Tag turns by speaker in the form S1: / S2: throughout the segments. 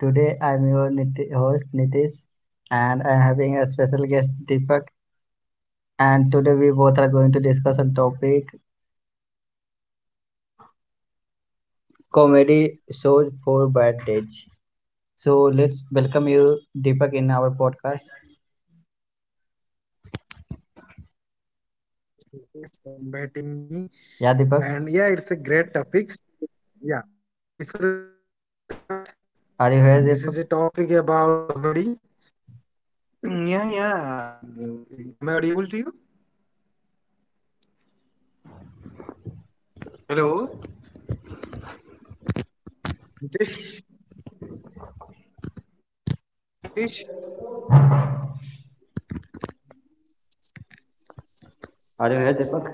S1: Today I'm your host Nitish and I'm having a special guest Deepak, and today we both are going to discuss on topic comedy shows for bad dates. So let's welcome you Deepak in our podcast.
S2: Thank you, so much, Nitish, for
S1: Yeah
S2: inviting me.
S1: Deepak,
S2: And yeah, it's a great topic. Yeah. Before we start,
S1: are you here Deepak?
S2: this is a topic about comedy. Yeah, yeah. Am I audible to you? Hello, Nitish. Nitish.
S1: Are you here Deepak?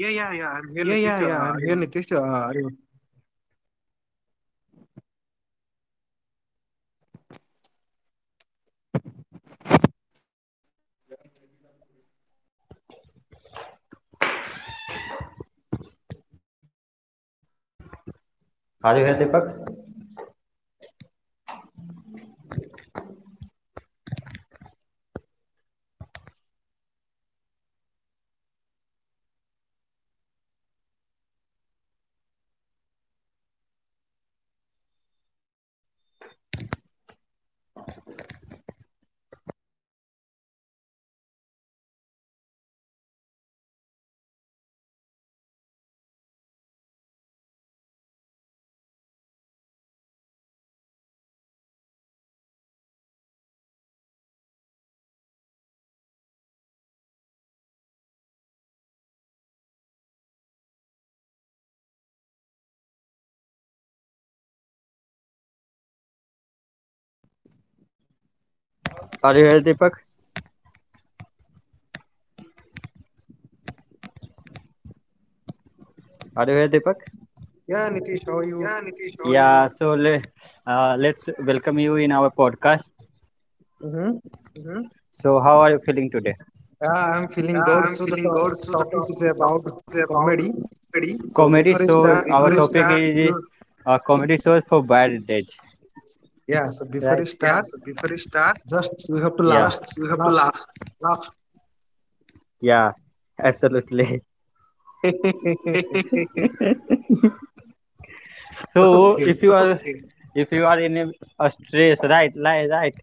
S1: Yeah, yeah, yeah, I'm
S2: Yeah,
S1: here,
S2: yeah,
S1: Nitish. Uh,
S2: yeah. I'm
S1: are
S2: here,
S1: you?
S2: Nitish.
S1: Are you here Deepak? Are you here Deepak? Are you here Deepak?
S2: Yeah, Nitish, how are you?
S1: Yeah, Nitish, how are you? Yeah, so let's welcome you in our podcast.
S2: Mm-hmm.
S1: Mm-hmm. So, how are you feeling today?
S2: Yeah, I'm feeling good.
S1: Yeah,
S2: So the
S1: I'm feeling good. So
S2: topic
S1: the
S2: is about
S1: topic is about
S2: comedy.
S1: comedy.
S2: So before
S1: Comedy
S2: you
S1: So
S2: start,
S1: shows. Our
S2: you
S1: before you topic start, is you comedy shows for bad days,
S2: yeah. So before
S1: right?
S2: you
S1: Yeah.
S2: start,
S1: So before you start,
S2: just you have to
S1: yeah,
S2: laugh,
S1: just you have to
S2: laugh.
S1: laugh, laugh. Yeah, absolutely. So,
S2: Okay.
S1: if you are okay. If you are in a stress, right, like, right,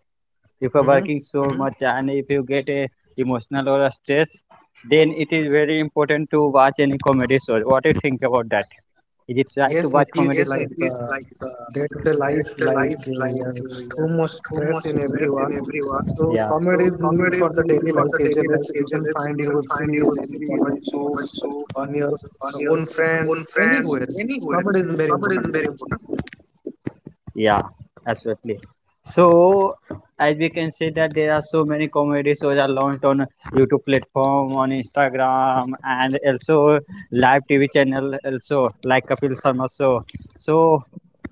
S1: if you're
S2: Mm-hmm.
S1: working so much and if you get a emotional or a stress, then it is very important to watch any comedy show. What do you think about that? Is it right
S2: Yes,
S1: to watch
S2: Nitish,
S1: comedy Yes, show?
S2: like
S1: It is like the
S2: day-to-day life,
S1: theater
S2: like
S1: life,
S2: yeah,
S1: like
S2: too
S1: yeah,
S2: much
S1: so much
S2: stress in
S1: stress
S2: everyone.
S1: in everyone.
S2: So
S1: Yeah, so
S2: comedy is need
S1: comedy
S2: for
S1: is
S2: the
S1: needed
S2: daily
S1: for
S2: life.
S1: the daily
S2: Usually,
S1: life.
S2: you can
S1: Ageless,
S2: find
S1: you
S2: your
S1: can
S2: web
S1: find your
S2: series in
S1: series in
S2: comedy show
S1: comedy show
S2: on your
S1: on your
S2: own friend
S1: own friends
S2: anywhere. So
S1: anywhere.
S2: comedy is very
S1: Comedy is
S2: important.
S1: very important. Yeah, absolutely. So, as we can see that there are so many comedy shows are launched on YouTube platform, on Instagram, and also live TV channel also like Kapil Sharma show. So,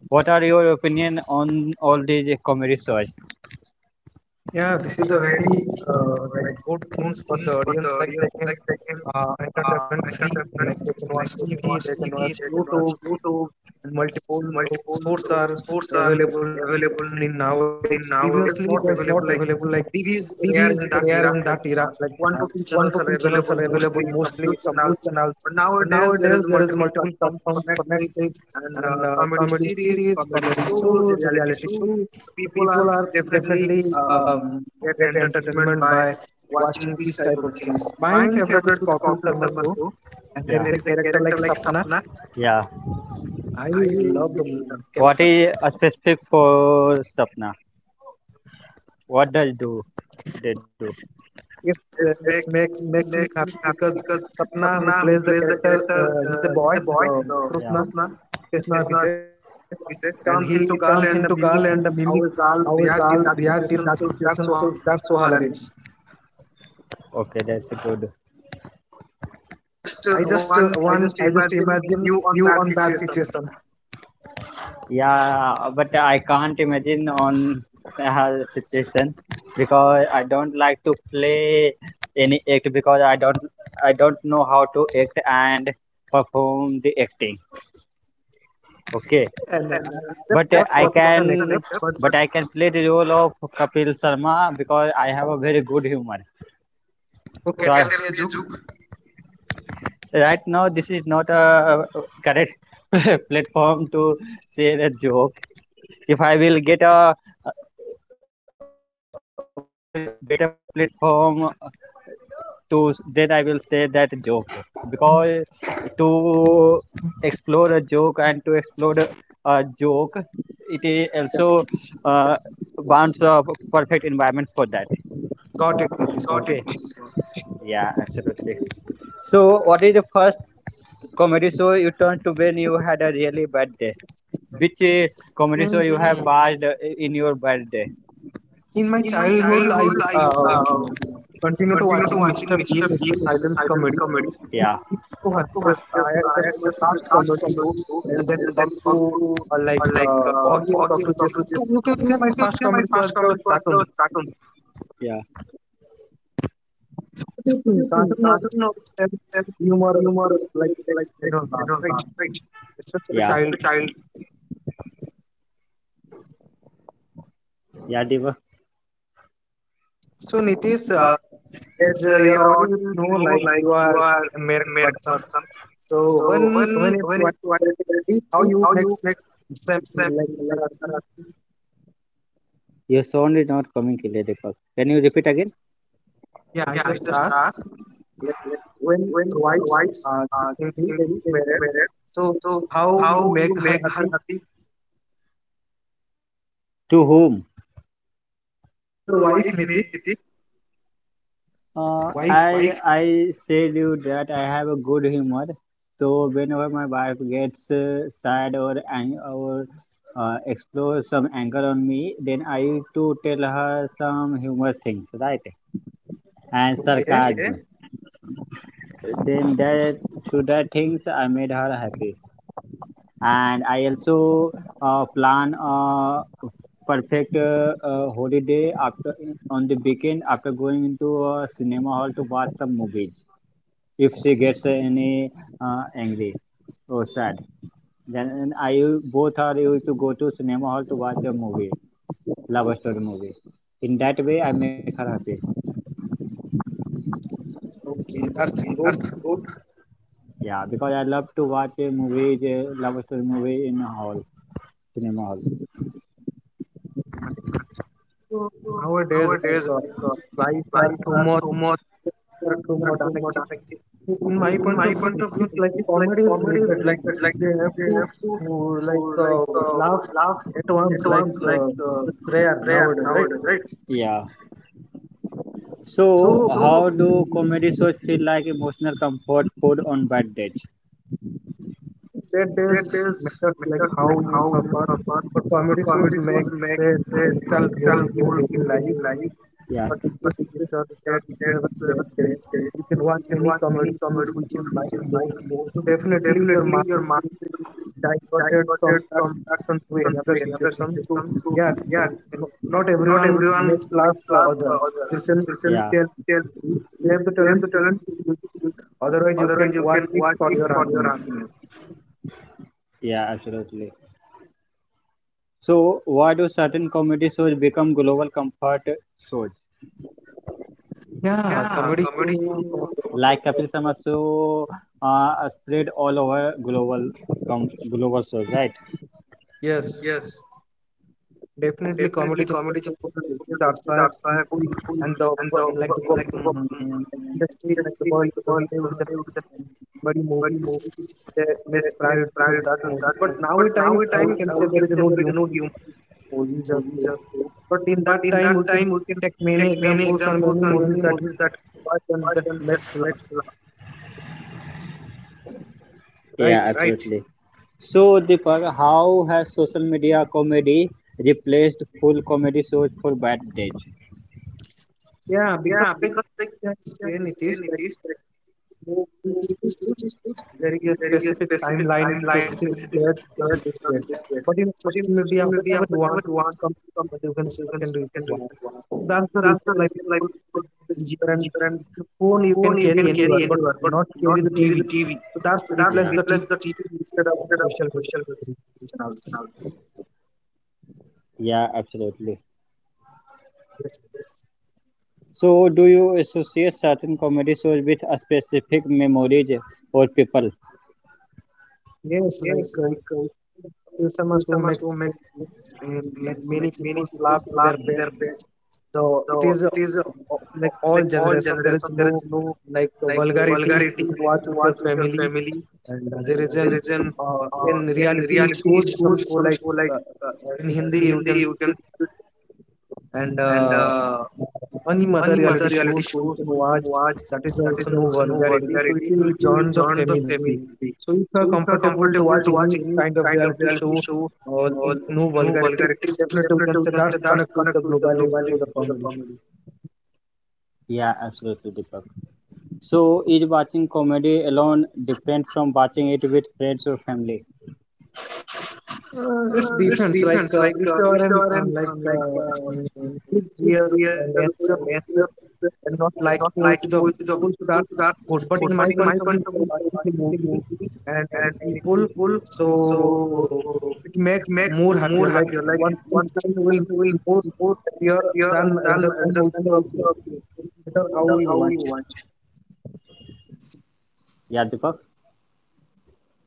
S1: what are your opinion on all these comedy shows? This is a
S2: Yeah, this
S1: very
S2: is a very
S1: like
S2: like
S1: good
S2: good
S1: things
S2: things
S1: for the
S2: for the
S1: audience.
S2: audience.
S1: Like
S2: Like
S1: they
S2: they
S1: can
S2: can entertainment
S1: entertainment.
S2: free.
S1: Like they
S2: Like
S1: can
S2: they can
S1: watch
S2: watch
S1: TV,
S2: TV,
S1: they
S2: they
S1: can
S2: can
S1: watch
S2: watch
S1: YouTube,
S2: YouTube, and multiple
S1: multiple
S2: sources are
S1: sports are
S2: available in
S1: available
S2: nowadays. Previously,
S1: in
S2: there's not
S1: nowadays, not
S2: available like
S1: available like
S2: T V
S1: TV
S2: is
S1: is
S2: rare
S1: rare
S2: in
S1: in
S2: that
S1: that
S2: era.
S1: era,
S2: Like
S1: like one
S2: one
S1: to
S2: to
S1: two
S2: two
S1: channels
S2: channels
S1: are
S2: are available,
S1: available,
S2: mostly
S1: mostly
S2: some
S1: some
S2: news
S1: news
S2: channels.
S1: channels,
S2: But
S1: but
S2: nowadays
S1: nowadays
S2: there
S1: there
S2: is
S1: is
S2: multiple
S1: multiple
S2: platforms
S1: platforms
S2: for
S1: for
S2: Netflix
S1: Netflix
S2: and
S1: and
S2: comedy
S1: comedy
S2: series,
S1: series,
S2: comedy
S1: comedy
S2: shows,
S1: shows,
S2: reality
S1: reality
S2: shows.
S1: shows.
S2: So
S1: So
S2: people
S1: people are
S2: are
S1: definitely
S2: definitely
S1: um,
S2: um, get
S1: get
S2: entertainment
S1: entertainment by
S2: by watching
S1: watching
S2: these
S1: these
S2: type
S1: type
S2: of
S1: of
S2: things.
S1: things.
S2: My
S1: My
S2: favorite is
S1: favorite is
S2: Kapil
S1: Kapil
S2: Sharma
S1: Sharma
S2: show,
S1: show,
S2: and
S1: like
S2: there
S1: yeah,
S2: is a
S1: there is a
S2: character like
S1: character like
S2: Sapna.
S1: Sapna. Yeah,
S2: I love the
S1: what
S2: character.
S1: is a specific for Sapna? What does do they do?
S2: It's,
S1: It make,
S2: it's make, makes
S1: makes
S2: me
S1: me
S2: happy
S1: happy
S2: because
S1: because
S2: Sapna, who
S1: Sapna, who
S2: plays the
S1: plays the
S2: character,
S1: character,
S2: he's a
S1: he's
S2: boy,
S1: a boy,
S2: the
S1: the, yeah,
S2: Krishna,
S1: Sapna
S2: Krishna
S1: is not.
S2: Abhishek, and
S1: He said,
S2: he turns
S1: turns into
S2: into
S1: girl
S2: girl
S1: and
S2: and
S1: the mimic
S2: mimic
S1: how a
S2: how a
S1: girl
S2: girl
S1: react in
S2: react
S1: that
S2: in that
S1: situation.
S2: situation.
S1: So
S2: So
S1: that's what
S2: that's so hilarious.
S1: it is. Okay, that's good. Just
S2: I just
S1: I just
S2: I just
S1: imagine
S2: imagine
S1: you on
S2: you
S1: that
S2: on that
S1: situation.
S2: situation.
S1: Yeah, but I can't imagine on her situation because I don't like to play any act because I don't know how to act and perform the acting. Okay,
S2: And
S1: and
S2: I'm
S1: but that's
S2: not
S1: I not wrong as an
S2: professional
S1: can
S2: actors,
S1: actor,
S2: but
S1: but I can play the role of Kapil Sharma because I have a very good humor. So okay,
S2: okay,
S1: tell
S2: tell
S1: me
S2: me
S1: a
S2: a joke.
S1: joke. Right now this is not a correct platform to share a joke. If I will get a play, better platform to then I will say that joke because to explore a joke and a joke, it is also uh, bounds a perfect environment for that.
S2: Got it,
S1: Got it.
S2: Nitish, got it.
S1: Okay, yeah, absolutely. So what is the first comedy show you turned to when you had a really bad day? Which comedy show
S2: Mm,
S1: you have
S2: mm.
S1: watched in your bad day?
S2: In my
S1: In my
S2: childhood, I
S1: childhood, I
S2: continued to
S1: continue to
S2: watching
S1: watch.
S2: Mr. Bean, Mr. Silence comedy.
S1: Yeah.
S2: It's so hilarious. I just my
S1: uh,
S2: first comedy show, and then come to
S1: like
S2: Foggy and
S1: Foggy and
S2: Cockroaches. So
S1: Cockroaches.
S2: you
S1: So
S2: can
S1: you
S2: say
S1: can
S2: my
S1: say
S2: first comedy show was the cartoons.
S1: cartoon. Yeah.
S2: What do you think? Cartoon also
S1: Cartoon of
S2: have
S1: that
S2: humor
S1: humor.
S2: like this, laugh, right? Especially
S1: Yeah.
S2: child.
S1: For a child. Yeah, Deva.
S2: So Nitish,
S1: Uh,
S2: as
S1: as uh,
S2: your
S1: your
S2: audience
S1: audience
S2: know,
S1: know,
S2: like
S1: like
S2: you
S1: you
S2: are
S1: are
S2: a
S1: a
S2: married
S1: married
S2: person.
S1: person.
S2: So
S1: So
S2: when it's white, how
S1: it's
S2: you make them like
S1: like your sound is not coming clearly, Deepak. Can you repeat again?
S2: yeah, I
S1: Yeah, I
S2: just
S1: just
S2: asked
S1: asked
S2: like
S1: like,
S2: when the
S1: when
S2: wives
S1: wives are.
S2: Nidhi is married, so
S1: So
S2: how you
S1: how
S2: make
S1: you
S2: her
S1: make her
S2: happy?
S1: happy? To whom?
S2: Your
S1: So
S2: wife
S1: wife,
S2: Niti,
S1: Uh,
S2: wife.
S1: I wife. I said you that I have a good humor, so whenever my wife gets sad or ang- or explores some anger on me, then I used to tell her some humor things, right? And okay,
S2: Okay,
S1: sarcasm. Then that through that things I made her happy. And I also plan a perfect holiday after on the weekend after going into a cinema hall to watch some movies. If she gets any angry or sad, then both are able to go to cinema hall to watch a movie, love story movie. In that way, I make her happy.
S2: okay, that's
S1: Okay, that's
S2: good.
S1: good. Yeah, because I love to watch a movie, a love story movie in a hall, cinema hall.
S2: Nice. So nowadays,
S1: Nowadays,
S2: like
S1: like
S2: life
S1: life
S2: are too
S1: are
S2: much
S1: too much
S2: unacceptable.
S1: affected.
S2: In my
S1: In
S2: point of
S1: my
S2: view,
S1: point,
S2: it's like comedy is needed. Like they have to uh, like uh, laugh
S1: laugh is
S2: at once. Like it's rare
S1: rare.
S2: nowadays, right?
S1: Yeah.
S2: So
S1: So, so how do
S2: mm,
S1: comedy shows feel like emotional comfort food on bad days?
S2: that is
S1: That
S2: matters like how
S1: is
S2: you
S1: how we
S2: suffer. But comedy shows make a vital role in
S1: tell.
S2: daily life.
S1: Yeah.
S2: Or different research that if you have a bad day, you can watch any comedy shows
S1: Comedy.
S2: which you like most. So definitely your mind will be diverted from that situation to another situation. So yeah, and not
S1: Not
S2: everyone
S1: everyone
S2: makes laugh
S1: laugh.
S2: other person.
S1: Listen. Yeah.
S2: They they have the talent
S1: To
S2: to
S1: talent
S2: do it. Otherwise, you can watch
S1: and
S2: it
S1: watch
S2: for
S1: it
S2: your
S1: for your
S2: happiness.
S1: happiness. Yeah, absolutely. So, why do certain comedy shows become global comfort shows?
S2: Yeah,
S1: Yeah,
S2: comedy
S1: comedy
S2: show.
S1: show. Like Kapil Sharma show uh, spread all over global, global shows, right?
S2: Yes. Definitely, comedy is a place where people. That's why
S1: But
S2: people and the like the um, industry, like the world, the they
S1: people
S2: the next many movies, the next priority to
S1: inspired.
S2: that movie. But now a time
S1: Now it.
S2: we can say there is no humor in movies or so. But in that time, we can take many examples or many movies that watch and that makes laugh,
S1: Yeah,
S2: right?
S1: right, absolutely. So, Deepak, how has social media comedy replaced full comedy shows for bad days?
S2: Yeah, because
S1: Yeah,
S2: like
S1: because
S2: that's here, Nitish. Like there is a
S1: there is a
S2: specific
S1: specific
S2: timeline,
S1: timeline,
S2: specific
S1: specific
S2: date for
S1: date
S2: this date.
S1: not invested.
S2: But in
S1: But in
S2: social media,
S1: social media,
S2: whenever you want,
S1: whatever you want,
S2: some
S1: some
S2: but you can search
S1: even
S2: and you can
S1: second
S2: watch.
S1: reason one.
S2: So that's the reason like people get easier and the phone you can carry anywhere, but not carry the TV. So that's
S1: So that's, yeah,
S2: replace the TV instead of social media channels.
S1: yeah, absolutely.
S2: Yes,
S1: So, do you associate certain comedy shows with a specific memories or people?
S2: yes like Usama so makes like many people laugh in
S1: Laugh,
S2: their bed the it is like all generation there is no like vulgarity
S1: vulgarity.
S2: you can
S1: You
S2: watch
S1: can
S2: with your
S1: watch.
S2: family and there is an uh, in
S1: uh,
S2: reality
S1: Reality
S2: shows some
S1: shows,
S2: show like uh, in hindi you can
S1: Hindi,
S2: see it, and
S1: and
S2: any other reality show so you can watch
S1: watch
S2: that is
S1: that
S2: also
S1: is
S2: no vulgarity so it
S1: solidarity
S2: will
S1: to
S2: join the
S1: join the
S2: family so
S1: family.
S2: if you are
S1: So if you are
S2: comfortable to watch
S1: comfortable to
S2: any
S1: watch
S2: kind
S1: any
S2: of
S1: kind
S2: reality
S1: of
S2: show
S1: reality show
S2: or with
S1: or
S2: no
S1: no
S2: vulgarity
S1: vulgarity,
S2: definitely you can say
S1: definitely we can
S2: that's
S1: say
S2: connect
S1: that's
S2: with the
S1: connect with the
S2: globally to the
S1: globality to the
S2: family.
S1: comedy. Yeah, absolutely, Deepak. So, is watching comedy alone different from watching it with friends or family?
S2: It depends. Like if you
S1: If
S2: are
S1: you
S2: in
S1: are an
S2: mm,
S1: um,
S2: big
S1: big
S2: year
S1: deal,
S2: and as you are and not liking with
S1: like
S2: the people, so that's
S1: that
S2: good. But in my
S1: in my
S2: point of view, if you're watching the
S1: particular
S2: movie
S1: movie
S2: and any
S1: and many
S2: people,
S1: people.
S2: so
S1: So
S2: it makes more happier.
S1: more
S2: Like one person will
S1: happy will
S2: be more
S1: be
S2: happier than
S1: than
S2: rather than with your
S1: also
S2: better how you
S1: how we
S2: watch.
S1: watch. Yeah, Deepak.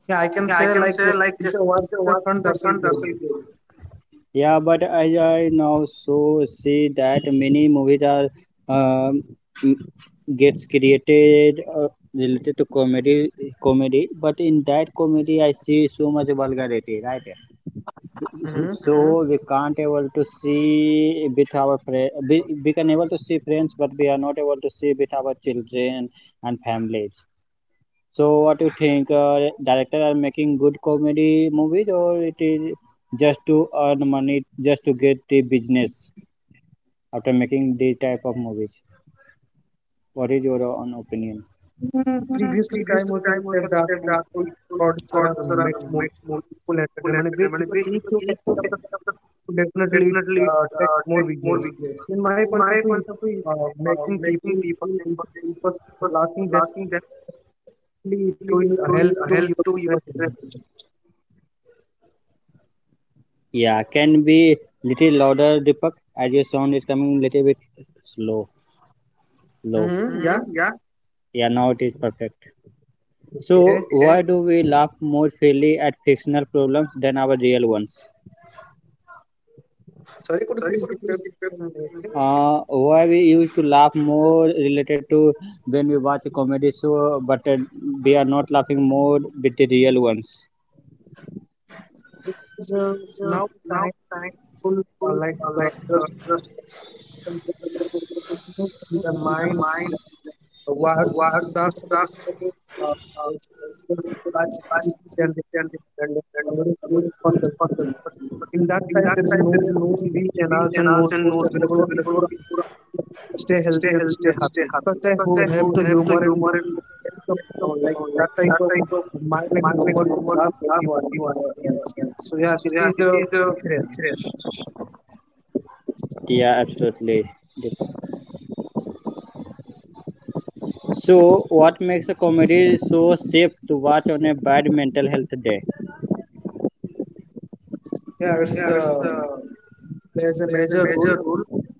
S2: Yeah, I can
S1: Yeah, I
S2: say
S1: can
S2: like
S1: say
S2: if
S1: like,
S2: you watch with your friend, that's all good.
S1: yeah, but I now so see that many movies are um, m- gets created related to comedy. But in that comedy, I see so much vulgarity, right?
S2: Hmm.
S1: So we can't able to see with our friend, we can able to see friends, but we are not able to see with our children and families. So what do you think, director are making good comedy movies, or it is just to earn money, just to get the business after making these type of movies? What is your own opinion?
S2: Previously, time we can say that people producer are much more people entertainment because if you take care of the people, definitely it takes
S1: Uh,
S2: more business. In my
S1: in
S2: point of
S1: my
S2: view,
S1: point of view,
S2: if, making
S1: making
S2: people
S1: people
S2: was
S1: was
S2: laughing
S1: laughing.
S2: definitely it will help
S1: It
S2: to your
S1: will help to
S2: business.
S1: your business. Yeah, can be little louder, Deepak, as your sound is coming little bit slow, low.
S2: Mm-hmm, yeah.
S1: Mm-hmm. Yeah. Yeah, now it is perfect. So,
S2: Okay.
S1: okay, why do we laugh more freely at fictional problems than our real ones?
S2: Sorry, could you please repeat the question?
S1: So,
S2: Alexis?
S1: Why we used to laugh more related to when we watch a comedy show, but we are not laughing more with the real ones.
S2: Because now time people just concentrate on the fitness and the mind.
S1: Mine.
S2: Words
S1: Towards
S2: sudarshan
S1: the
S2: uh, much seeking and somebody food for the but in that
S1: in
S2: time
S1: that
S2: there is
S1: time
S2: no
S1: there is no
S2: TV
S1: TV
S2: channels and no
S1: channels and no
S2: source
S1: sports
S2: available for
S1: available
S2: people
S1: for people to
S2: to stay
S1: stay
S2: healthy and
S1: healthy
S2: stay
S1: and stay
S2: happy
S1: happy
S2: because they
S1: because
S2: who
S1: they who
S2: have the
S1: have the
S2: humor
S1: youth
S2: and that type of mind and humor to laugh
S1: love.
S2: everyone else. So yeah,
S1: So
S2: this
S1: yeah, I
S2: is the
S1: think.
S2: difference.
S1: Yeah, absolutely, Deepak. So, what makes a comedy so safe to watch on a bad mental health day?
S2: Yeah, it's there's a major role.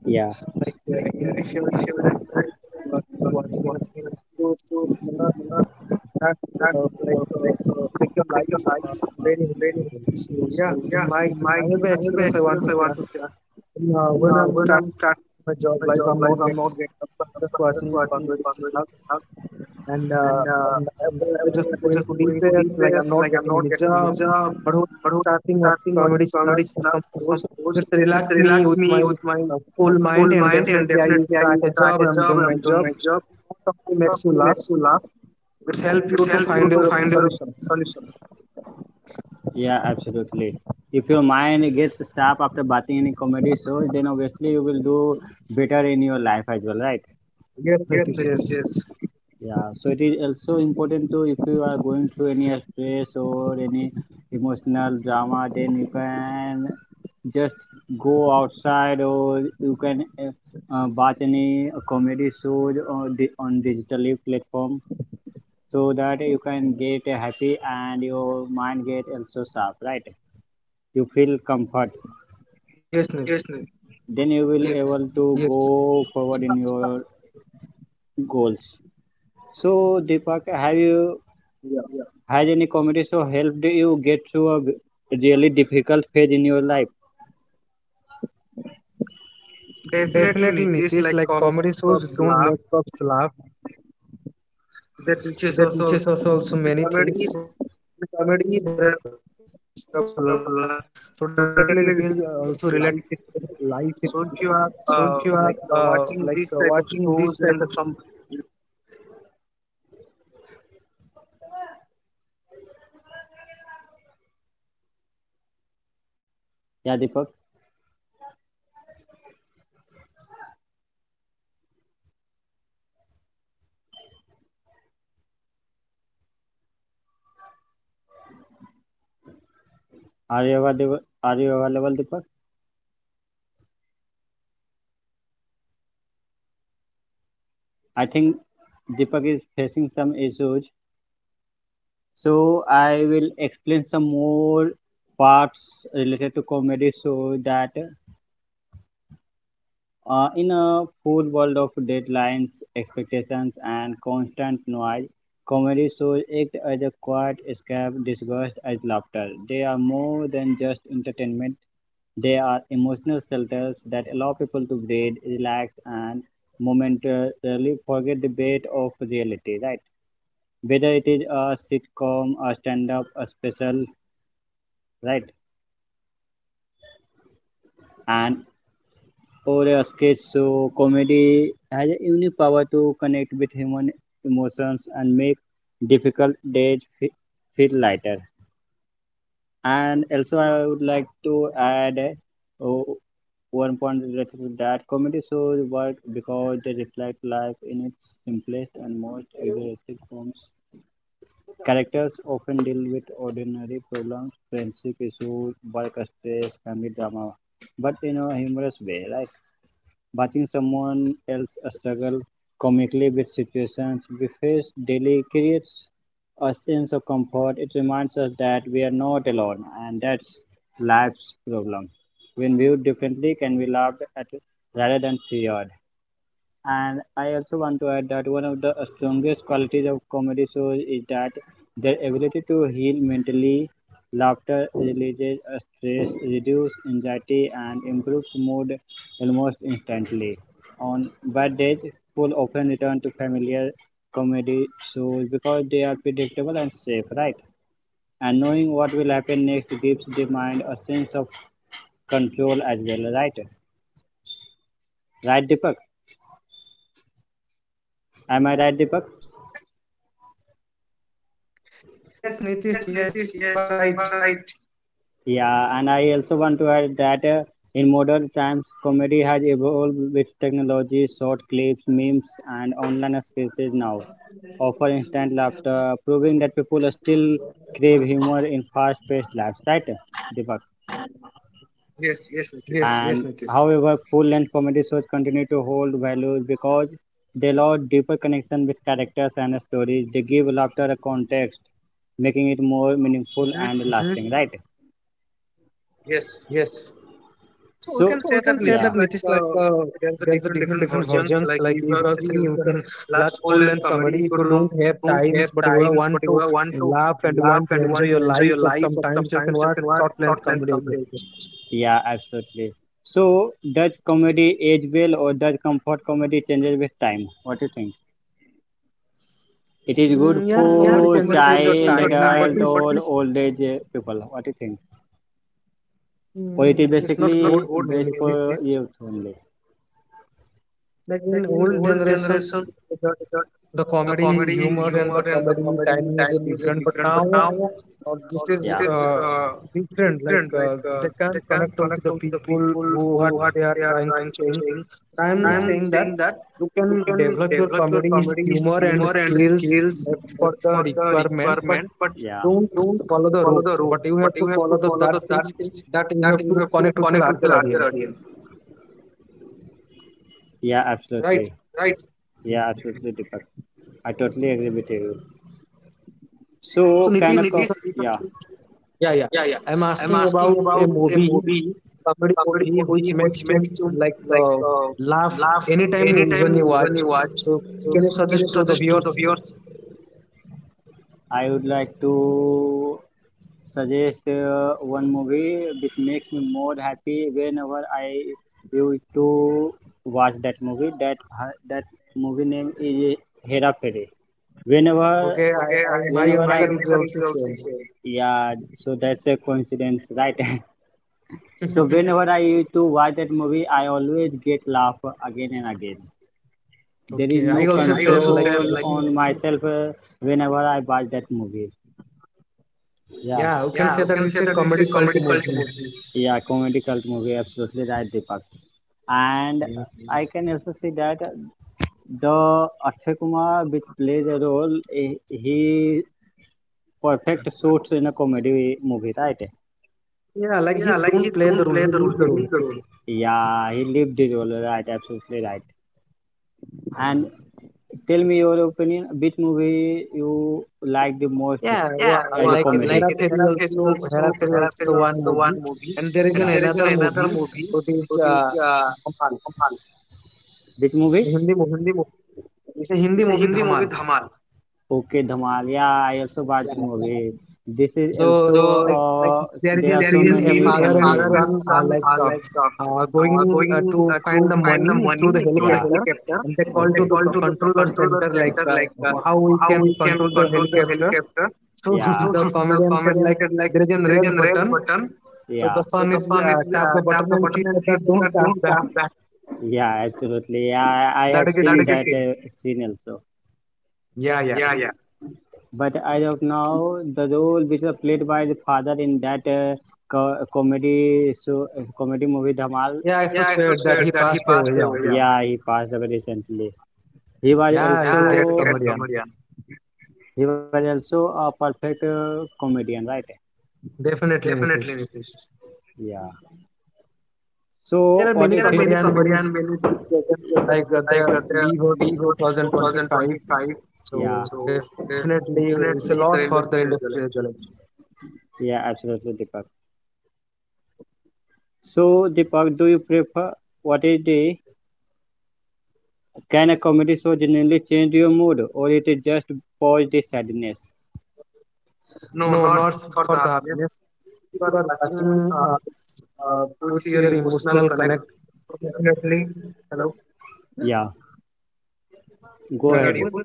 S1: Yeah.
S2: Like if you're in a bad mood, you are watching an episode, you cannot that uh, like uh, make your life
S1: Your life
S2: uh,
S1: are
S2: very
S1: very
S2: enjoyable. So
S1: important. So
S2: yeah, in
S1: yeah,
S2: my
S1: in
S2: in
S1: my
S2: I have an experience I want to share. In, when I'm
S1: one
S2: starting
S1: start,
S2: my job life, I'm not getting. I'm just
S1: that's
S2: watching
S1: what I think.
S2: comedy channel and
S1: And
S2: I was just
S1: they're
S2: going
S1: just
S2: to
S1: going to
S2: depress, like
S1: depress.
S2: I'm not
S1: Like I'm
S2: getting
S1: not
S2: any
S1: getting any
S2: job.
S1: job.
S2: But who starting with comedy clubs or some sorts just
S1: Just
S2: relax me
S1: relax,
S2: with my cool mind,
S1: cool
S2: and
S1: mind, and
S2: definitely I
S1: definitely I
S2: crack a
S1: crack
S2: job.
S1: a
S2: I'm
S1: job
S2: doing my
S1: and
S2: job.
S1: job.
S2: Not something makes you
S1: Something
S2: laugh.
S1: makes you laugh.
S2: It's help
S1: It's
S2: you to
S1: help you
S2: find
S1: to
S2: your
S1: find your
S2: solution.
S1: solution. Yeah, absolutely. If your mind gets sharp after watching any comedy show, then obviously you will do better in your life as well, right?
S2: Yes, Nitish.
S1: Yes,
S2: Yes,
S1: Pratish, yes. Yeah, so it is also important to, if you are going through any stress or any emotional drama, then you can just go outside, or you can watch any comedy show on, on digital platform so that you can get happy and your mind get also sharp, right? You feel comfort, yes Nit, then you will yes able to go forward in your
S2: yes, Nitish.
S1: goals. So Deepak, have
S2: Yes.
S1: you had any comedy show helped you get through a really difficult phase in your life? Definitely
S2: Definitely,
S1: Nitish,
S2: Nitish.
S1: like
S2: Like
S1: comedy
S2: comedy shows
S1: to
S2: don't
S1: laugh,
S2: make us laugh.
S1: that teaches us
S2: They
S1: also
S2: teaches us also many
S1: comedy,
S2: things. In comedy,
S1: that.
S2: there are things you have to learn. So
S1: So
S2: definitely, yeah.
S1: definitely it teaches life is relevant. So if you are uh, watching these
S2: Actually,
S1: type
S2: it
S1: of
S2: is
S1: shows
S2: also
S1: and the,
S2: related to life in India. So if you are watching these type of shows and some l- like uh, listenable
S1: yeah
S2: series, so
S1: Deepak,
S2: definitely there is must some learning facts you can you can learn. In my point of view, what do you think, Nitish?
S1: are
S2: Hello,
S1: you available? Are you available Deepak?
S2: Nitish.
S1: I think Deepak is facing some issues. So I will explain some more parts related
S2: Am
S1: to
S2: I audible,
S1: comedy
S2: Nitish?
S1: so that in a full world of deadlines, expectations, and constant noise, comedy shows act as a quiet escape disguised as laughter. They are more than just entertainment.
S2: Hello,
S1: They are emotional shelters that allow people to breathe, relax, and momentarily forget the weight of reality, right? Whether it is a sitcom, a stand-up, a special, right, and or a sketch show, comedy has a unique power to connect with human emotions and make
S2: Nitish.
S1: difficult days
S2: Am I
S1: feel
S2: audible,
S1: lighter.
S2: Nitish?
S1: And also, I would like to add one
S2: Hello.
S1: point related to that. Comedy shows work because they reflect life in its simplest and most exaggerated forms. Characters often deal with ordinary problems, friendship issues, work stress, family drama, but in a humorous way. Like watching someone else struggle comically with situations we face daily creates a sense of comfort. It reminds us that we are not alone, and that's life's problem. When viewed differently, can be laughed at rather than feared. And I also want to add that one of the strongest qualities of comedy shows is that their ability to heal mentally. Laughter releases stress, reduces anxiety, and improves mood almost instantly. On bad days, people often return to familiar comedy shows because they are predictable and safe, right? And knowing what will happen next gives the mind a sense of control as well, right? Right, Deepak? Am I right, Deepak?
S2: Yes, Nitish, yes, you are right.
S1: Yes, you are right. Yeah, and I also want to add that in modern times, comedy has evolved with technology, short clips, memes, and online sketches now offer instant laughter, proving that people still crave humor in fast-paced lives, right, Deepak?
S2: Yes, yes, Nitish.
S1: And however, full-length comedy shows continue to hold values because they allow deeper connection with characters and stories. They give laughter a context, making it more meaningful and
S2: Hmm.
S1: lasting, right? Yes.
S2: Yes. So we
S1: So, we So, can
S2: can say that Nitish, like,
S1: uh, there's
S2: there's
S1: a
S2: a
S1: different
S2: different versions.
S1: versions.
S2: Like, if you are free, you can
S1: Large
S2: watch full
S1: full-length
S2: length
S1: comedy
S2: comedy. If you don't have times, but you
S1: times, but
S2: want
S1: you
S2: to
S1: want to
S2: laugh and you
S1: laugh
S2: want
S1: and
S2: to
S1: you
S2: enjoy
S1: want to
S2: your life, or sometimes you can
S1: you
S2: watch
S1: can watch.
S2: short length comedy as
S1: Yeah, absolutely. So, does comedy age well or does comfort comedy changes with time? What do you think? It is
S2: well.
S1: good.
S2: Yeah,
S1: Mm, yeah,
S2: comedy
S1: for
S2: changes
S1: comedy
S2: with the
S1: changes with child, the adult,
S2: time, but
S1: time, but
S2: it's
S1: or it's, old age people. What do you think? Or
S2: mm,
S1: it is it's not
S2: it's not good,
S1: basically good. Best
S2: Nitish.
S1: for say youth only.
S2: Like in old generation,
S1: Generation, the,
S2: the
S1: the
S2: comedy
S1: comedy
S2: humor and
S1: humor
S2: the
S1: and the
S2: comedy
S1: comedy
S2: timing is
S1: timing is
S2: different, but
S1: different. But
S2: now
S1: now,
S2: this
S1: this.
S2: is
S1: Yeah, is uh,
S2: different. Like
S1: different. Like
S2: they can
S1: they
S2: connect
S1: can
S2: also the
S1: connect out to the
S2: people
S1: people
S2: who are
S1: who
S2: they
S1: are
S2: are
S1: they
S2: trying
S1: are
S2: to
S1: trying to
S2: change.
S1: change.
S2: I'm
S1: I, yeah,
S2: saying
S1: am
S2: that
S1: saying that
S2: you can
S1: you can
S2: develop your
S1: develop your
S2: comedy
S1: comedy
S2: humor and skills
S1: skills,
S2: for the requirement, but
S1: but yeah,
S2: don't
S1: you
S2: follow the rules. But you have to follow the that things that you
S1: that
S2: have to
S1: have to
S2: connect with the
S1: connect with the
S2: larger
S1: larger
S2: audience,
S1: audience, yeah,
S2: right?
S1: absolutely. Right? Yeah, absolutely, Deepak. I totally agree with you.
S2: So
S1: So, kind So
S2: Nitish,
S1: of,
S2: if
S1: co- Nitish, if I, yeah.
S2: yeah, yeah.
S1: Yeah, yeah.
S2: I'm
S1: I'm
S2: asking about
S1: asking
S2: a
S1: about a
S2: movie,
S1: movie,
S2: comedy
S1: comedy
S2: movie,
S1: movie,
S2: which makes
S1: which
S2: you like laugh
S1: laugh
S2: anytime
S1: in it.
S2: when you watch. So,
S1: So
S2: can you
S1: can
S2: suggest to the
S1: you of
S2: viewers?
S1: yours? I would like to suggest one movie which makes me more happy whenever I used to watch that movie. That that movie name is Hera Fairy. Whenever,
S2: Okay, I,
S1: okay, I,
S2: I my
S1: whenever my I
S2: answer is
S1: answer
S2: also
S1: is also
S2: same.
S1: same. Yeah, so that's a coincidence, right? So whenever I used to watch that movie, I always get laugh again and again. There is
S2: Okay,
S1: no,
S2: I
S1: okay,
S2: also
S1: I also
S2: same
S1: say
S2: like
S1: control
S2: I
S1: like on
S2: think
S1: myself whenever I watch that movie.
S2: yeah,
S1: Yeah,
S2: you can
S1: yeah, you
S2: say
S1: can
S2: that
S1: say
S2: it's
S1: that
S2: a
S1: it's a
S2: comedy
S1: comedy
S2: cult
S1: cult
S2: movie.
S1: movie. Yeah, comedy cult movie, absolutely right, Deepak. And
S2: Yes.
S1: I can also say that the Akshay Kumar, which plays a role, he perfect suits in a comedy movie, right?
S2: Yeah, like he don't play the role, he leave the role.
S1: Good role. Yeah, he lived the role, right? Absolutely right. And tell me your opinion, which movie you like the most.
S2: Yeah,
S1: Yeah, as a like
S2: like the
S1: comedy? The hierarchy,
S2: Hera Fairy also the one movie, and there is
S1: and
S2: an
S1: yeah, there is
S2: another movie which is
S1: uh,
S2: Dhamal.
S1: which movie?
S2: Hindi movie. It's a Hindi movie,
S1: With
S2: Dhamal.
S1: Hamal. Okay, Dhamal. Yeah, I also watched the
S2: Yeah.
S1: movie. This is
S2: So
S1: also. So
S2: like
S1: like
S2: there is
S1: there
S2: a
S1: are there so
S2: scene,
S1: is a
S2: a
S1: many scene, a
S2: father and
S1: father comedy. And
S2: son are
S1: son
S2: like
S1: are like
S2: going
S1: going
S2: to find
S1: to
S2: the
S1: find the,
S2: money through the
S1: through the.
S2: helicopter,
S1: Yeah,
S2: and they
S1: hill.
S2: call
S1: They,
S2: to
S1: okay,
S2: the
S1: call to
S2: controller center like
S1: center.
S2: how we can control the helicopter. So
S1: Like, so
S2: the comedian said like there is a
S1: yeah,
S2: red
S1: in red
S2: button.
S1: button.
S2: So the
S1: Yeah,
S2: son
S1: so
S2: is
S1: the son is
S2: tap the button
S1: tap
S2: and
S1: the
S2: he
S1: button
S2: said
S1: and she
S2: that
S1: said
S2: don't
S1: that
S2: tap
S1: don't
S2: that.
S1: tap that. Yeah, absolutely. Yeah, I
S2: That
S1: have
S2: is a
S1: seen that
S2: sin.
S1: is that scene. Scene also.
S2: Yeah, yeah.
S1: Yeah, yeah. But as of now, the role which was played by the father in that comedy so comedy movie Dhamal,
S2: Yeah, I so
S1: yeah, I
S2: sad that he
S1: suspect
S2: passed
S1: that he
S2: away.
S1: passed away. Yeah.
S2: Yeah.
S1: Yeah, he passed away recently. He was, yeah,
S2: Yeah,
S1: he's
S2: he's
S1: a
S2: a
S1: great
S2: great
S1: also comedian.
S2: comedian.
S1: He was also a perfect comedian, right? Definitely,
S2: Definitely,
S1: Nitish.
S2: Nitish.
S1: Yeah. So what is?
S2: There
S1: There
S2: are
S1: are is many
S2: many
S1: Kabaddi
S2: comedy and
S1: many
S2: many big legends
S1: projects
S2: like
S1: like the
S2: the Lee
S1: league was
S2: was in
S1: 2025.
S2: 2025.
S1: Yeah, so
S2: So definitely it's a
S1: the
S2: loss for
S1: industry.
S2: the industry as well.
S1: Yeah, absolutely, Deepak. So Deepak, do you prefer, what is the, can a comedy show generally change your mood or it is just pause the sadness? No,
S2: No,
S1: not
S2: not
S1: for
S2: for
S1: the
S2: the
S1: happiness.
S2: happiness.
S1: You
S2: You
S1: are
S2: are
S1: touching
S2: watching it's, with
S1: with
S2: your
S1: your
S2: emotional
S1: emotional
S2: connect.
S1: connect.
S2: So definitely,
S1: Definitely.
S2: hello,
S1: Hello. Yeah,
S2: am I
S1: go am I ahead
S2: audible?
S1: audible?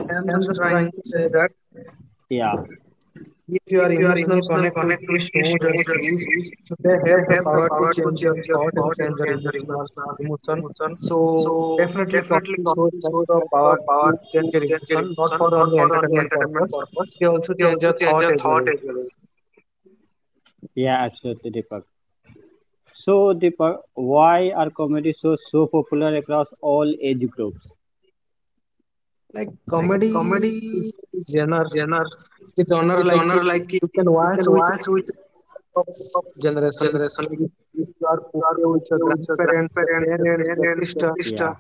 S1: I
S2: I
S1: am
S2: am
S1: just
S2: just
S1: trying
S2: trying
S1: to
S2: to
S1: say
S2: say
S1: that,
S2: that
S1: yeah,
S2: if you
S1: if
S2: are
S1: you are
S2: emotional
S1: emotional
S2: connect with
S1: connect
S2: a
S1: with a
S2: shows
S1: show
S2: or
S1: or
S2: series,
S1: series,
S2: so they
S1: so they
S2: have the
S1: have the
S2: power to
S1: power to
S2: change your thought and
S1: record and
S2: change your
S1: change your
S2: emotional
S1: emotional
S2: emotion.
S1: emotion. So
S2: So definitely
S1: they
S2: comedy shows have the
S1: have the
S2: power
S1: power
S2: to
S1: to
S2: change your
S1: change your
S2: emotion, not
S1: emotion,
S2: for
S1: not
S2: only
S1: for only
S2: entertainment
S1: entertainment
S2: purpose.
S1: purpose.
S2: They also
S1: They
S2: change
S1: also
S2: your
S1: change
S2: thought
S1: your
S2: as
S1: thought
S2: well.
S1: as well. Yeah, absolutely, Deepak. So, Deepak, why are comedy shows so popular across all age groups?
S2: Like comedy is genre,
S1: Genre,
S2: it's genre like
S1: genre like you
S2: you can watch
S1: can
S2: with
S1: watch.
S2: of generation. Like if you are okay with your grandparents, your parents, your sister.
S1: Yeah,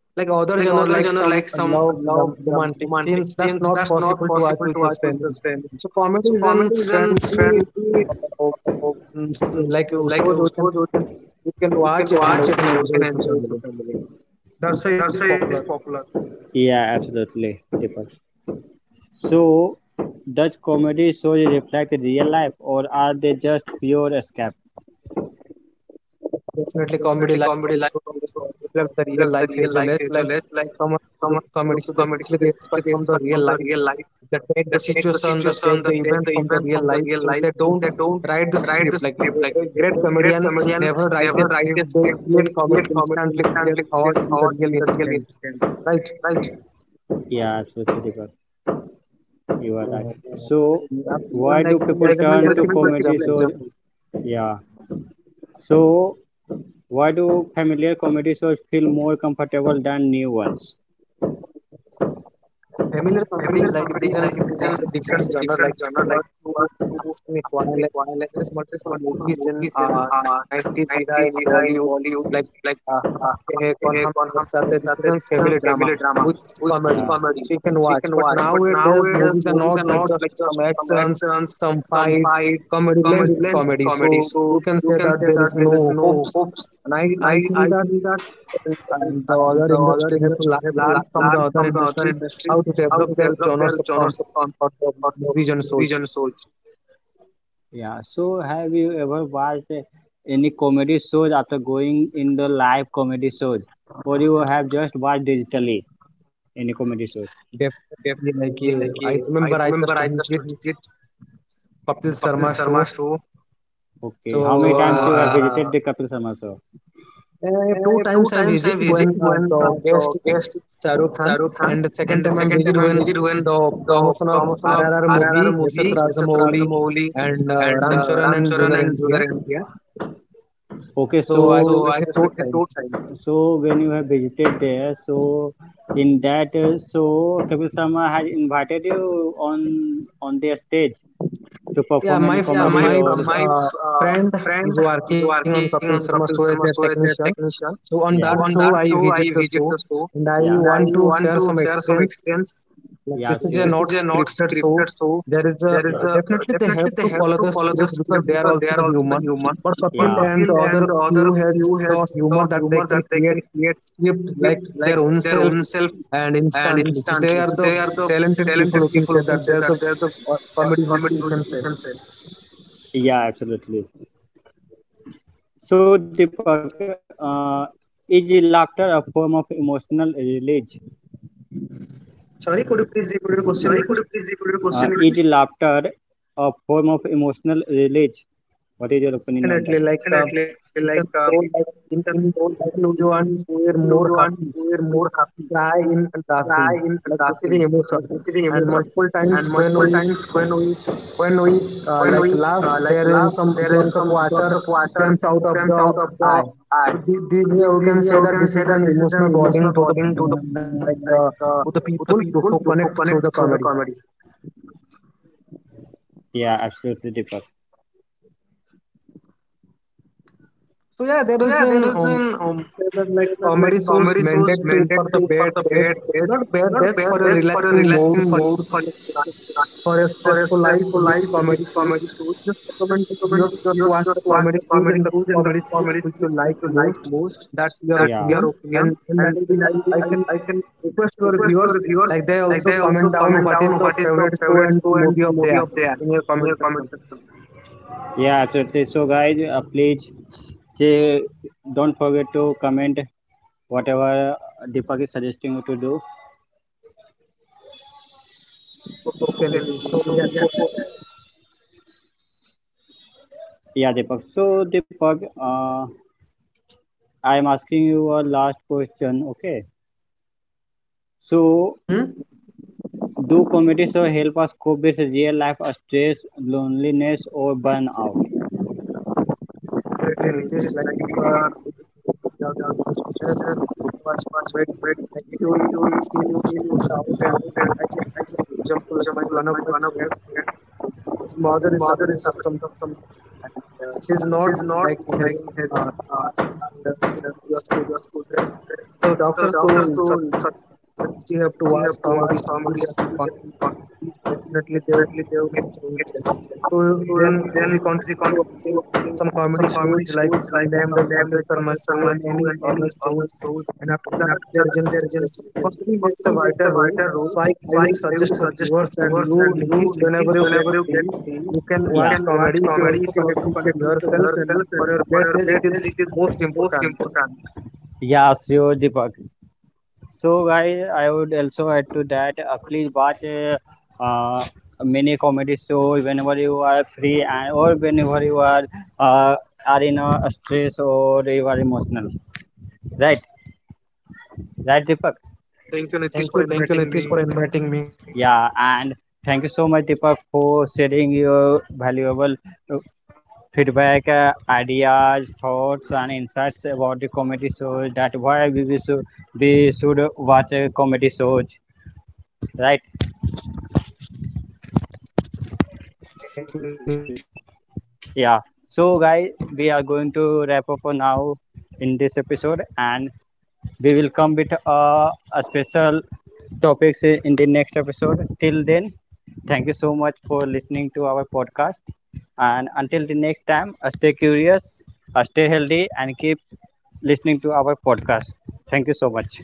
S2: Like other genre like some
S1: genre like some
S2: love
S1: love,
S2: romantic scenes,
S1: romantic,
S2: that's not possible to watch
S1: people
S2: with
S1: to
S2: the
S1: watch with your
S2: family,
S1: family.
S2: so comedy
S1: So
S2: is an friendly uh, like
S1: like
S2: shows we can
S1: we
S2: watch
S1: can
S2: and
S1: watch
S2: we
S1: it
S2: can
S1: and we
S2: enjoy
S1: can
S2: with the
S1: enjoy
S2: family,
S1: it.
S2: that's why it's
S1: That's why
S2: popular.
S1: it's popular. Yeah, absolutely, Deepak. So, Dutch comedy shows reflect real life, or are they just pure escape?
S2: Definitely, comedy
S1: Definitely,
S2: life
S1: comedy
S2: also
S1: life also
S2: reflects the real
S1: reflect the
S2: life as
S1: real
S2: well
S1: life
S2: as
S1: as
S2: like
S1: well as like
S2: someone who do
S1: someone who
S2: comedy.
S1: do
S2: So
S1: comedy,
S2: definitely
S1: so
S2: they
S1: they
S2: inspire
S1: they
S2: from the real life. They take the situation, they take the events from the real life. So they don't write the
S1: write the
S2: script. Like
S1: script, like
S2: a great
S1: they
S2: comedian never write a
S1: never write
S2: script.
S1: a
S2: They
S1: script,
S2: create comedy instantly with their
S1: instantly they
S2: thought and the
S1: found
S2: real
S1: the real
S2: incident.
S1: intent,
S2: Right?
S1: right? Yeah, absolutely, Deepak. You are right.
S2: Yeah.
S1: So,
S2: I'm saying
S1: why
S2: like
S1: do
S2: there
S1: people,
S2: is a
S1: like turn there to will be
S2: multiple
S1: comedy
S2: examples.
S1: multiple shows examples. Yeah. So, why do familiar comedy shows feel more comfortable than new ones?
S2: Familiar comedy like
S1: Familiar
S2: this and
S1: comedy, like it
S2: that's a
S1: is an,
S2: different
S1: that's
S2: genre.
S1: a
S2: Like
S1: different
S2: you want
S1: genre. Like
S2: to
S1: what you are
S2: ask
S1: to
S2: me why,
S1: asking me
S2: like
S1: why, like
S2: there is
S1: there's
S2: multiple
S1: multiple
S2: movies in
S1: movies in
S2: 90s era in
S1: 90s
S2: Bollywood
S1: era in
S2: like
S1: Bollywood, like
S2: Hum Aapke Hain
S1: Hum
S2: Kaun,
S1: Pe
S2: Hum
S1: Hai Kaun,
S2: Saath
S1: Hum
S2: Saath Hain.
S1: Saath
S2: This is
S1: Saath
S2: a
S1: Hai, this is a
S2: family drama
S1: family drama
S2: with
S1: with,
S2: comedy,
S1: yeah, comedy,
S2: so you can
S1: so you
S2: watch.
S1: can
S2: But
S1: watch. But
S2: nowadays
S1: nowadays,
S2: movies are
S1: these
S2: not
S1: are
S2: like
S1: not
S2: just some actions, some
S1: some.
S2: fight, comedy less comedy. So you can say that there is no hopes, and I
S1: And
S2: I
S1: I
S2: think that
S1: think that
S2: and the
S1: the
S2: other
S1: other
S2: industry have to
S1: industry have to
S2: learn from
S1: learn
S2: the
S1: from
S2: other
S1: the other
S2: industry
S1: industry
S2: how to
S1: how to
S2: develop their
S1: develop their
S2: genres of
S1: genres of
S2: content or the
S1: or of
S2: movies and
S1: movies and
S2: shows.
S1: shows. Yeah, so have you ever watched any comedy shows after going in the live comedy shows? Or you have just watched digitally any comedy shows?
S2: Definitely, like yeah,
S1: Definitely, like
S2: I
S1: yeah,
S2: remember
S1: I
S2: I just
S1: remember I
S2: visit
S1: just visited
S2: Kapil Sharma
S1: Kapil
S2: show.
S1: Sharma show. Okay, how
S2: So
S1: many times so you
S2: uh,
S1: have visited the Kapil Sharma show?
S2: two
S1: Uh,
S2: times
S1: Two
S2: I
S1: times
S2: visit
S1: I
S2: when
S1: visit when
S2: the guest is
S1: the
S2: Shah Rukh Khan,
S1: Shah Rukh Khan,
S2: and the second time I visit when the promotion of
S1: son of
S2: RRR movie
S1: RRR
S2: SS
S1: movie
S2: Rajamouli and
S1: and
S2: Ram Charan and Junior
S1: Junior
S2: NTR.
S1: NTR. Okay, so
S2: So I just
S1: so I
S2: visited two times.
S1: so when you have visited there, so in that, so Kapil Sharma had invited you on their stage to perform
S2: Yeah,
S1: any,
S2: my
S1: yeah, my comedy or
S2: my
S1: or my
S2: uh,
S1: uh,
S2: friend
S1: friend
S2: is working on Kapil Sharma show as a technician.
S1: Vishal,
S2: So on that show,
S1: on
S2: I
S1: that show
S2: visit
S1: I
S2: the show
S1: visit so
S2: and I want to share some
S1: some
S2: experience.
S1: experience.
S2: Like this
S1: Yes,
S2: is a not
S1: they're not
S2: scripted show.
S1: so
S2: There is a
S1: yeah,
S2: definitely they have to follow the script because they are also the human. But Kapil and the other
S1: the
S2: crew
S1: other
S2: has
S1: queue
S2: the
S1: has
S2: humor
S1: the
S2: that they can create
S1: create
S2: script like their own self
S1: their own self
S2: and
S1: and
S2: instantly. So they are
S1: instantly.
S2: the
S1: So they are the
S2: talented people who
S1: talented.
S2: can say that. They're the comedy who can say.
S1: Yeah, absolutely. So, Deepak, is laughter a form of emotional release?
S2: Sorry, could you please repeat the question?
S1: Sorry, could you repeat the question? Is laughter a form of emotional release? What is your opinion on
S2: Definitely,
S1: that?
S2: like
S1: Definitely,
S2: you can
S1: like
S2: show like
S1: you can go like
S2: in video and
S1: in if
S2: we're
S1: you
S2: more
S1: want
S2: happy.
S1: to wear
S2: We
S1: more happy,
S2: cry
S1: we
S2: in laughing.
S1: cry in
S2: Like this is an
S1: laughing,
S2: emotion.
S1: like that is the
S2: And
S1: emotion.
S2: multiple times
S1: And multiple times when we
S2: when we
S1: when
S2: like
S1: we
S2: laugh,
S1: like
S2: there is
S1: laugh,
S2: some
S1: there is
S2: drops of
S1: some drops of
S2: water
S1: water
S2: comes out of
S1: comes
S2: the
S1: out of the
S2: eye.
S1: eye.
S2: So this
S1: So this,
S2: we
S1: this
S2: can say
S1: we
S2: that
S1: can
S2: this
S1: say
S2: is
S1: that
S2: an
S1: this is an
S2: emotional
S1: emotional
S2: bonding to the
S1: bonding to the
S2: like to the
S1: uh,
S2: people who connect
S1: who
S2: through the
S1: connect
S2: comedy.
S1: through the comedy. Yeah, absolutely, Deepak.
S2: So yeah, there is an
S1: Um,
S2: say that like comedy shows meant
S1: Shows
S2: to for the bad days,
S1: bad
S2: not bad days, for a relaxing mode for a stressful life.
S1: to
S2: Need
S1: life
S2: comedy shows. Just recommend to viewers just watch the
S1: was
S2: comedy shows and the
S1: choose and
S2: comedy
S1: the
S2: series which
S1: comedy
S2: you
S1: series
S2: like
S1: which you
S2: most.
S1: like most.
S2: That's your
S1: That's,
S2: opinion,
S1: yeah, your
S2: and
S1: opinion, and
S2: I can
S1: I can
S2: request your viewers
S1: request to our
S2: like they
S1: viewers
S2: also
S1: like
S2: comment
S1: they
S2: down
S1: also
S2: what is
S1: comment
S2: the
S1: down what
S2: favorite
S1: is the
S2: show and
S1: favorite show
S2: movie of
S1: and
S2: their
S1: movie of
S2: in
S1: their
S2: your comment
S1: in your
S2: section.
S1: comment section. Yeah, absolutely. So, guys, please say, don't forget to comment whatever Deepak is suggesting you to do.
S2: Okay,
S1: Okay,
S2: Nitish.
S1: Nitish.
S2: So
S1: So
S2: yeah,
S1: yeah,
S2: go
S1: go ahead. Yeah, Deepak. So, Deepak, uh, I am asking you a last question. Okay. So,
S2: ahead.
S1: do comedy shows help us cope with real life stress, loneliness, or burnout?
S2: Definitely,
S1: Exactly. It
S2: this
S1: is
S2: like
S1: like
S2: if you
S1: if you
S2: are
S1: are you
S2: without feeling
S1: are
S2: stress,
S1: stressed,
S2: watch
S1: first
S2: movement,
S1: read
S2: like it will
S1: like you
S2: feel
S1: will
S2: you
S1: see
S2: stress out. And actually, example, like my one of
S1: like
S2: my
S1: one of
S2: friend, his mother is suffering from some disease, and she's
S1: it
S2: not
S1: is not
S2: like
S1: like
S2: having
S1: having
S2: and, she was put
S1: your
S2: to
S1: school
S2: depressed. So
S1: stress. So
S2: doctors told
S1: doctors
S2: such
S1: do such.
S2: she have to watch comedy shows and fun, definitely they will make changes. So then
S1: So
S2: they
S1: then she
S2: continue
S1: contributed
S2: watching
S1: to watching
S2: some comedy
S1: some
S2: shows
S1: comedy
S2: like some name like
S1: and
S2: Kapil Sharma show and any other shows. And after that, there is an yes, so comedy makes a wider role. So
S1: so
S2: I
S1: I
S2: will suggest the viewers and you,
S1: you
S2: Nitish,
S1: Nitish,
S2: whenever you get
S1: whenever you get
S2: free,
S1: free, you,
S2: you can
S1: yeah,
S2: watch
S1: can watch
S2: comedy. It will
S1: comedy.
S2: also
S1: It
S2: connect
S1: also
S2: with
S1: connect with
S2: yourself
S1: yourself
S2: and for
S1: and
S2: your
S1: for
S2: great days, it is most
S1: your,
S2: important.
S1: yeah, sure, Deepak. So, guys, I would also add to that. Please watch uh, many comedy shows whenever you are free and or whenever you uh, are in a stress or you are emotional. Right, right,
S2: Thank
S1: Deepak.
S2: you, Nitish, for inviting me.
S1: Meeting me. Yeah, and thank you so much, Deepak, for sharing your valuable uh, feedback, ideas, thoughts, and insights about the comedy shows. That why we should we should watch comedy shows, right?
S2: Thank you, Nitish.
S1: Yeah. So guys, we are going to wrap up for now in this episode and we will come with a special topics in the next episode. Till then, thank you so much for listening to our podcast, and until the next time, stay curious, stay healthy, and keep listening to our podcast. Thank you so much.